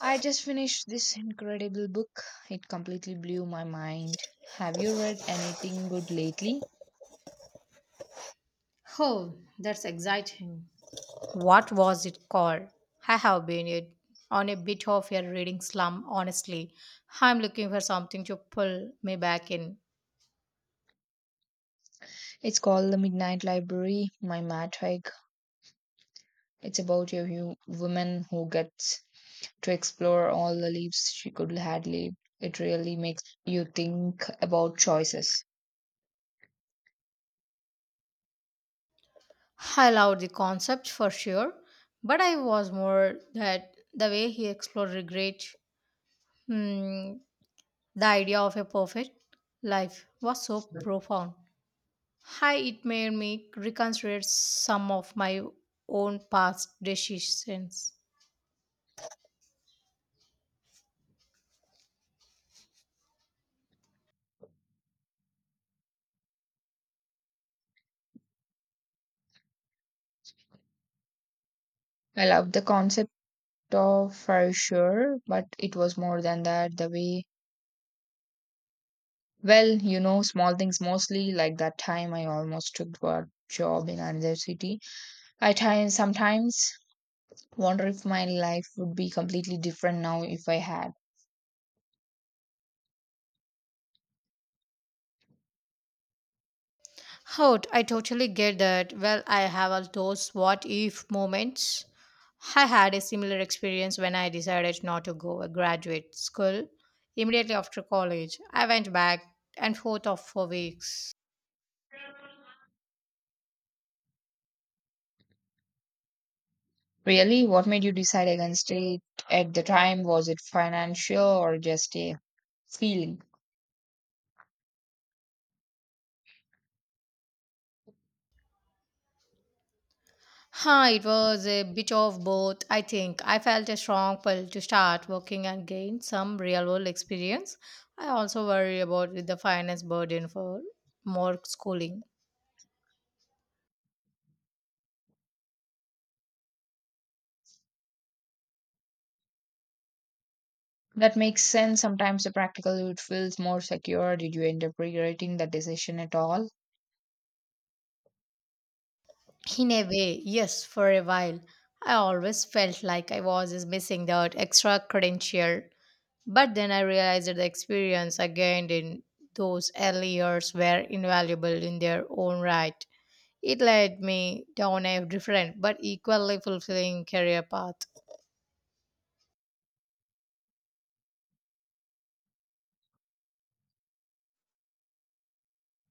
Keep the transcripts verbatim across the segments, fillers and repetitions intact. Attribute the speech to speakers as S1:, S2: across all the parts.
S1: I just finished this incredible book. It completely blew my mind. Have you read anything good lately?
S2: Oh, that's exciting. What was it called? I have been it on a bit of a reading slump, honestly. I'm looking for something to pull me back in.
S1: It's called The Midnight Library by Matt Haig. It's about a hu- woman who gets to explore all the lives she could had lived. It really makes you think about choices.
S2: I loved the concept for sure, but I was more that the way he explored regret, hmm, the idea of a perfect life was so profound. Hi, it made me reconsider some of my own past decisions.
S1: I love the concept of for sure, but it was more than that. The way, well, you know, small things mostly, like that time I almost took a job in another city. I try sometimes wonder if my life would be completely different now if I had.
S2: Oh, I totally get that. Well, I have all those what if moments. I had a similar experience when I decided not to go a graduate school immediately after college. I went back and forth of for weeks.
S1: Really? What made you decide against it at the time? Was it financial or just a feeling?
S2: Huh, it was a bit of both, I think. I felt a strong pull to start working and gain some real world experience. I also worry about with the finance burden for more schooling.
S1: That makes sense. Sometimes the practical it feels more secure. Did you end up regretting that decision at all?
S2: In a way, yes, for a while. I always felt like I was just missing that extra credential. But then I realized that the experience I gained in those early years were invaluable in their own right. It led me down a different but equally fulfilling career path.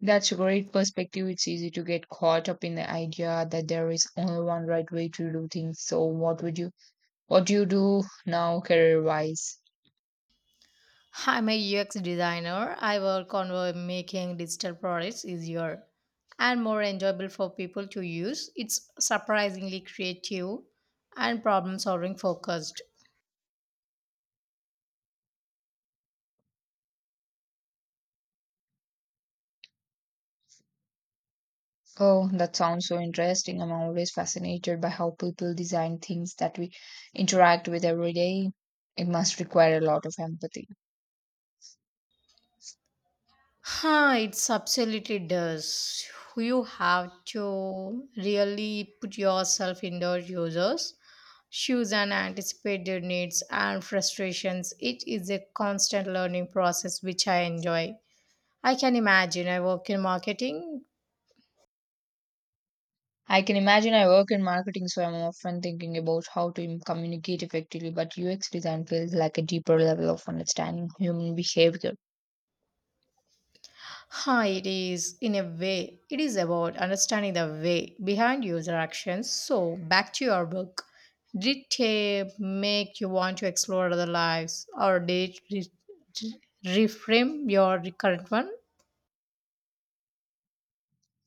S1: That's a great perspective. It's easy to get caught up in the idea that there is only one right way to do things. So what would you what do you do now career wise?
S2: I'm a U X designer. I work on uh, making digital products easier and more enjoyable for people to use. It's surprisingly creative and problem solving focused.
S1: Oh, that sounds so interesting. I'm always fascinated by how people design things that we interact with every day. It must require a lot of empathy.
S2: Huh, it's absolutely does. You have to really put yourself in the users' shoes and anticipate their needs and frustrations. It is a constant learning process which I enjoy. I can imagine I work in marketing.
S1: I can imagine I work in marketing, so I'm often thinking about how to im- communicate effectively, but U X design feels like a deeper level of understanding human behavior.
S2: Hi, it is in a way. It is about understanding the way behind user actions. So, back to your book. Did tape make you want to explore other lives, or did it re- re- reframe your current one?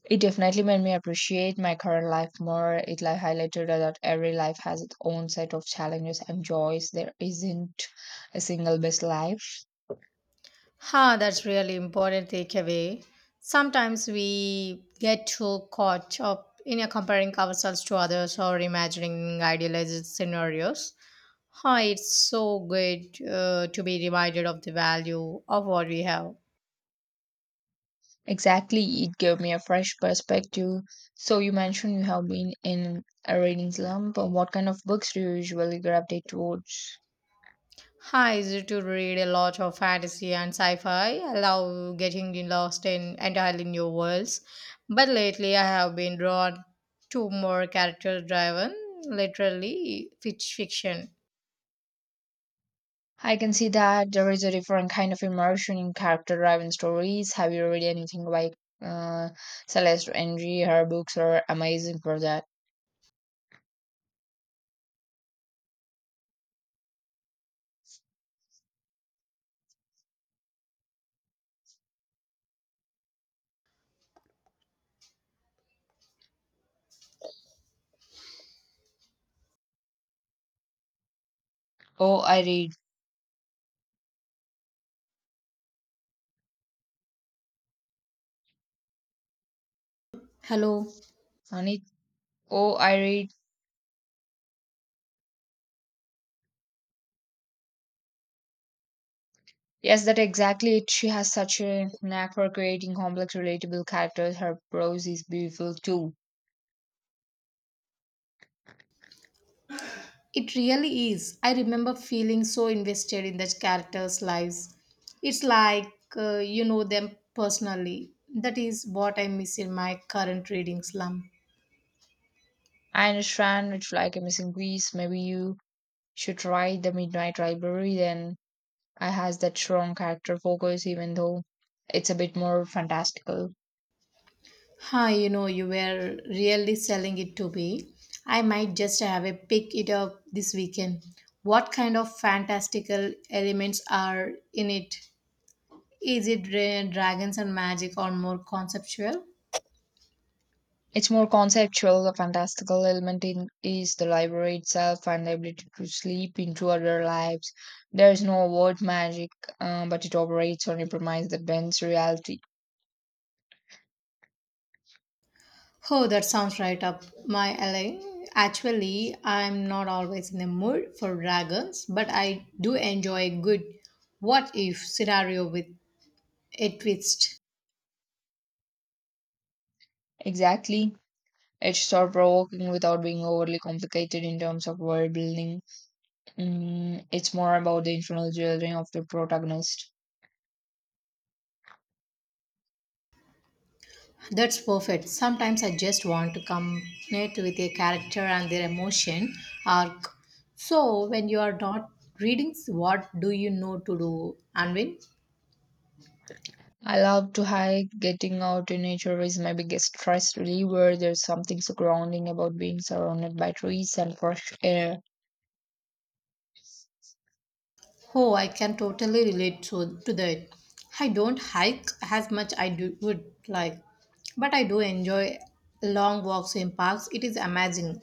S1: It definitely made me appreciate my current life more. It like highlighted that every life has its own set of challenges and joys. There isn't a single best life.
S2: Ha, that's really important takeaway. Sometimes we get too caught up in a comparing ourselves to others or imagining idealized scenarios. Ha, it's so good uh, to be reminded of the value of what we have.
S1: Exactly, it gave me a fresh perspective. So you mentioned you have been in a reading slump. What kind of books do you usually gravitate towards?
S2: Hi, easy to read a lot of fantasy and sci-fi. I love getting lost in entirely new worlds. But lately I have been drawn to more character driven, literally fitch fiction.
S1: I can see that there is a different kind of immersion in character driven stories. Have you read anything by uh, Celeste Henry? Her books are amazing for that. Oh, I read.
S2: Hello.
S1: On it. Oh, I read. Yes, that exactly it. She has such a knack for creating complex, relatable characters. Her prose is beautiful too.
S2: It really is. I remember feeling so invested in the characters' lives. It's like uh, you know them personally. That is what I miss in my current reading slump.
S1: I understand it's like a missing piece. Maybe you should try The Midnight Library then. I has that strong character focus, even though it's a bit more fantastical.
S2: Hi, you know, you were really selling it to me. I might just have a pick it up this weekend. What kind of fantastical elements are in it? Is it dra- dragons and magic or more conceptual?
S1: Its more conceptual. The fantastical element in, is the library itself and the ability to sleep into other lives. There is no word magic, uh, but it operates on a premise that bends reality.
S2: Oh, that sounds right up my alley. Actually, I'm not always in the mood for dragons, but I do enjoy a good what if scenario with a twist.
S1: Exactly. It's thought provoking without being overly complicated in terms of world building. Mm, it's more about the internal journey of the protagonist.
S2: That's perfect. Sometimes I just want to connect with a character and their emotion arc. So, when you are not reading, what do you know to do, Anvin?
S1: I love to hike. Getting out in nature is my biggest stress reliever. There's something so grounding about being surrounded by trees and fresh air.
S2: Oh, I can totally relate to, to that. I don't hike as much I do, would like, but I do enjoy long walks in parks. It is amazing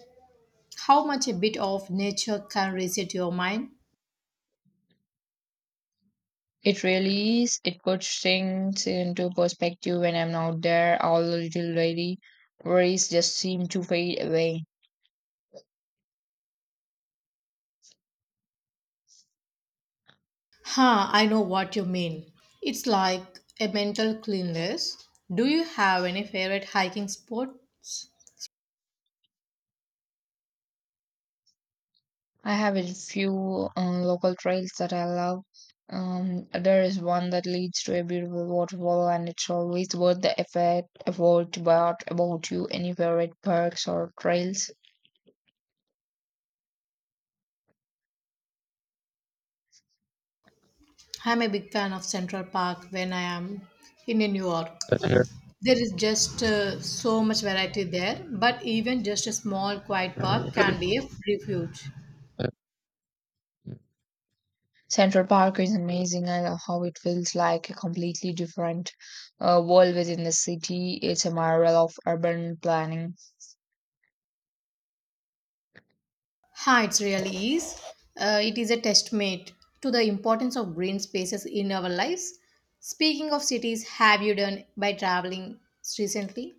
S2: how much a bit of nature can reset your mind.
S1: It really is. It puts things into perspective when I'm out there. All the little lady worries just seem to fade away.
S2: Huh, I know what you mean. It's like a mental cleanliness. Do you have any favorite hiking spots?
S1: I have a few um, local trails that I love. Um, there is one that leads to a beautiful waterfall, and it's always worth the effort. Effort about about you. Any favorite parks or trails?
S2: I'm a big fan of Central Park when I am in New York. There is just uh, so much variety there, but even just a small quiet park can be a refuge.
S1: Central Park is amazing. I love how it feels like a completely different uh, world within the city. It's a marvel of urban planning.
S2: Hi, it really is. Uh, it is a testament to the importance of green spaces in our lives. Speaking of cities, have you done by traveling recently?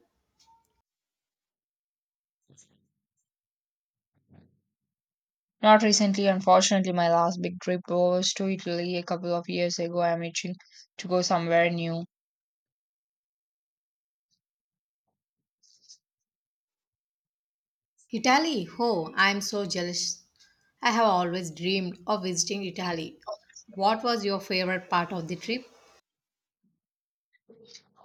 S1: Not recently, unfortunately, my last big trip was to Italy a couple of years ago. I'm itching to go somewhere new.
S2: Italy, oh, I am so jealous. I have always dreamed of visiting Italy. What was your favorite part of the trip?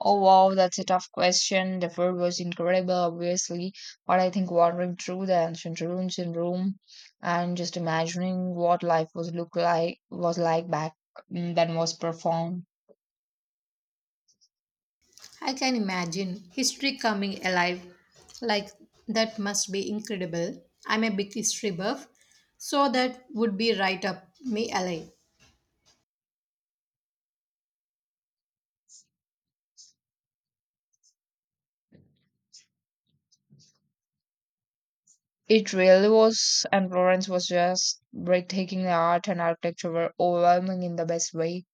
S1: Oh wow, that's a tough question. The food was incredible, obviously, but I think wandering through the ancient ruins in Rome and just imagining what life was look like was like back then was profound.
S2: I can imagine history coming alive. Like, that must be incredible. I'm a big history buff, so that would be right up me alley.
S1: It really was, and Florence was just breathtaking. The art and architecture were overwhelming in the best way.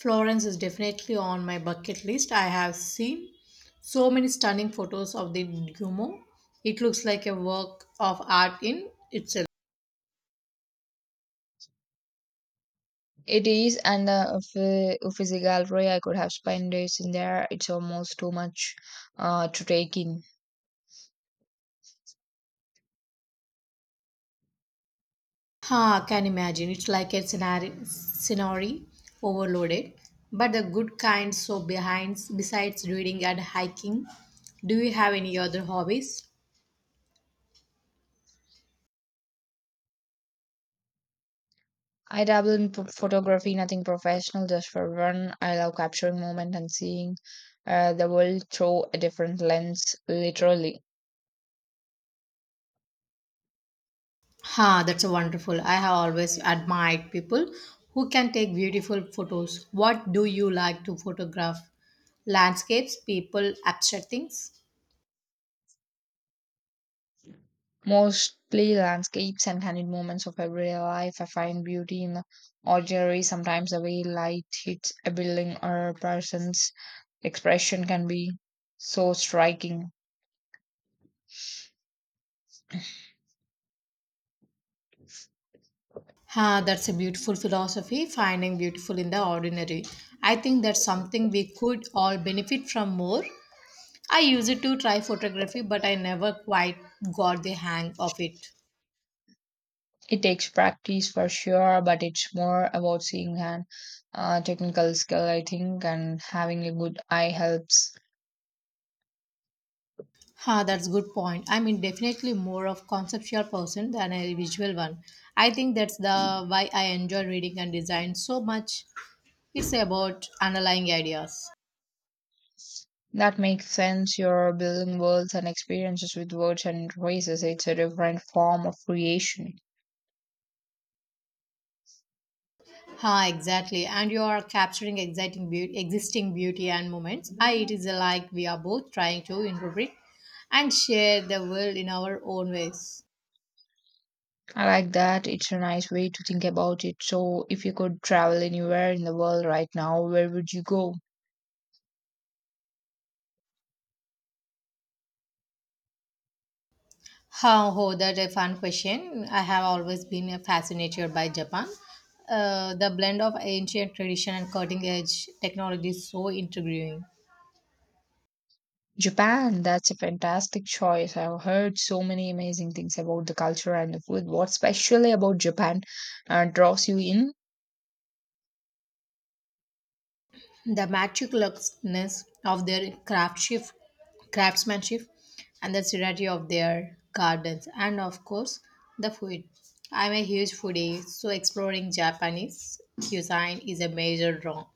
S2: Florence is definitely on my bucket list. I have seen so many stunning photos of the Duomo. It looks like a work of art in itself.
S1: It is, and uh, Uffi- Uffizi gallery. I could have spent days in there. It's almost too much uh, to take in.
S2: Ha, can imagine. It's like a scenario, scenery overloaded, but the good kind. So behind, besides reading and hiking, do you have any other hobbies?
S1: I dabble in p- photography, nothing professional, just for fun. I love capturing moment and seeing uh, the world through a different lens, literally.
S2: Ha, that's a wonderful. I have always admired people who can take beautiful photos. What do you like to photograph? Landscapes, people, abstract things.
S1: Mostly landscapes and candid moments of everyday life. I find beauty in the ordinary. Sometimes the way light hits a building or a person's expression can be so striking.
S2: Ha, that's a beautiful philosophy, finding beautiful in the ordinary. I think that's something we could all benefit from more. I used it to try photography, but I never quite got the hang of it.
S1: It takes practice for sure, but it's more about seeing and uh, technical skill, I think, and having a good eye helps.
S2: Ha, that's good point. I mean, definitely more of conceptual person than a visual one. I think that's the why I enjoy reading and design so much. It's about underlying ideas.
S1: That makes sense. You're building worlds and experiences with words and phrases. It's a different form of creation.
S2: Ha, exactly. And you are capturing exciting beauty, existing beauty and moments. I, it is like we are both trying to interpret and share the world in our own ways.
S1: I like that. It's a nice way to think about it. So, if you could travel anywhere in the world right now, where would you go?
S2: Huh, oh, that's a fun question. I have always been uh, fascinated by Japan. Uh, the blend of ancient tradition and cutting edge technology is so intriguing.
S1: Japan, that's a fantastic choice. I've heard so many amazing things about the culture and the food. What's specially about Japan uh, draws you in?
S2: The meticulousness of their craftsmanship, craftsmanship and the seriety of their gardens, and of course, the food. I'm a huge foodie, so exploring Japanese cuisine is a major draw.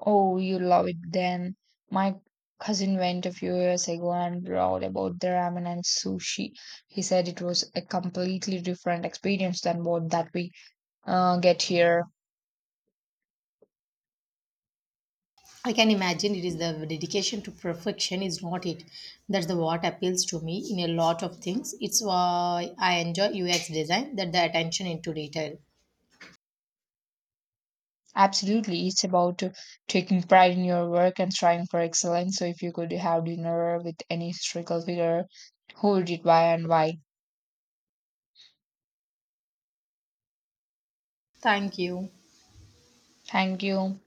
S1: Oh, you love it then. My cousin went a few years ago and wrote about the ramen and sushi. He said it was a completely different experience than what that we uh, get here.
S2: I can imagine it is the dedication to perfection is not it. That's the what appeals to me in a lot of things. It's why I enjoy U X design that the attention into detail.
S1: Absolutely. It's about uh, taking pride in your work and striving for excellence. So, if you could have dinner with any historical figure, who did why and why?
S2: Thank you.
S1: Thank you.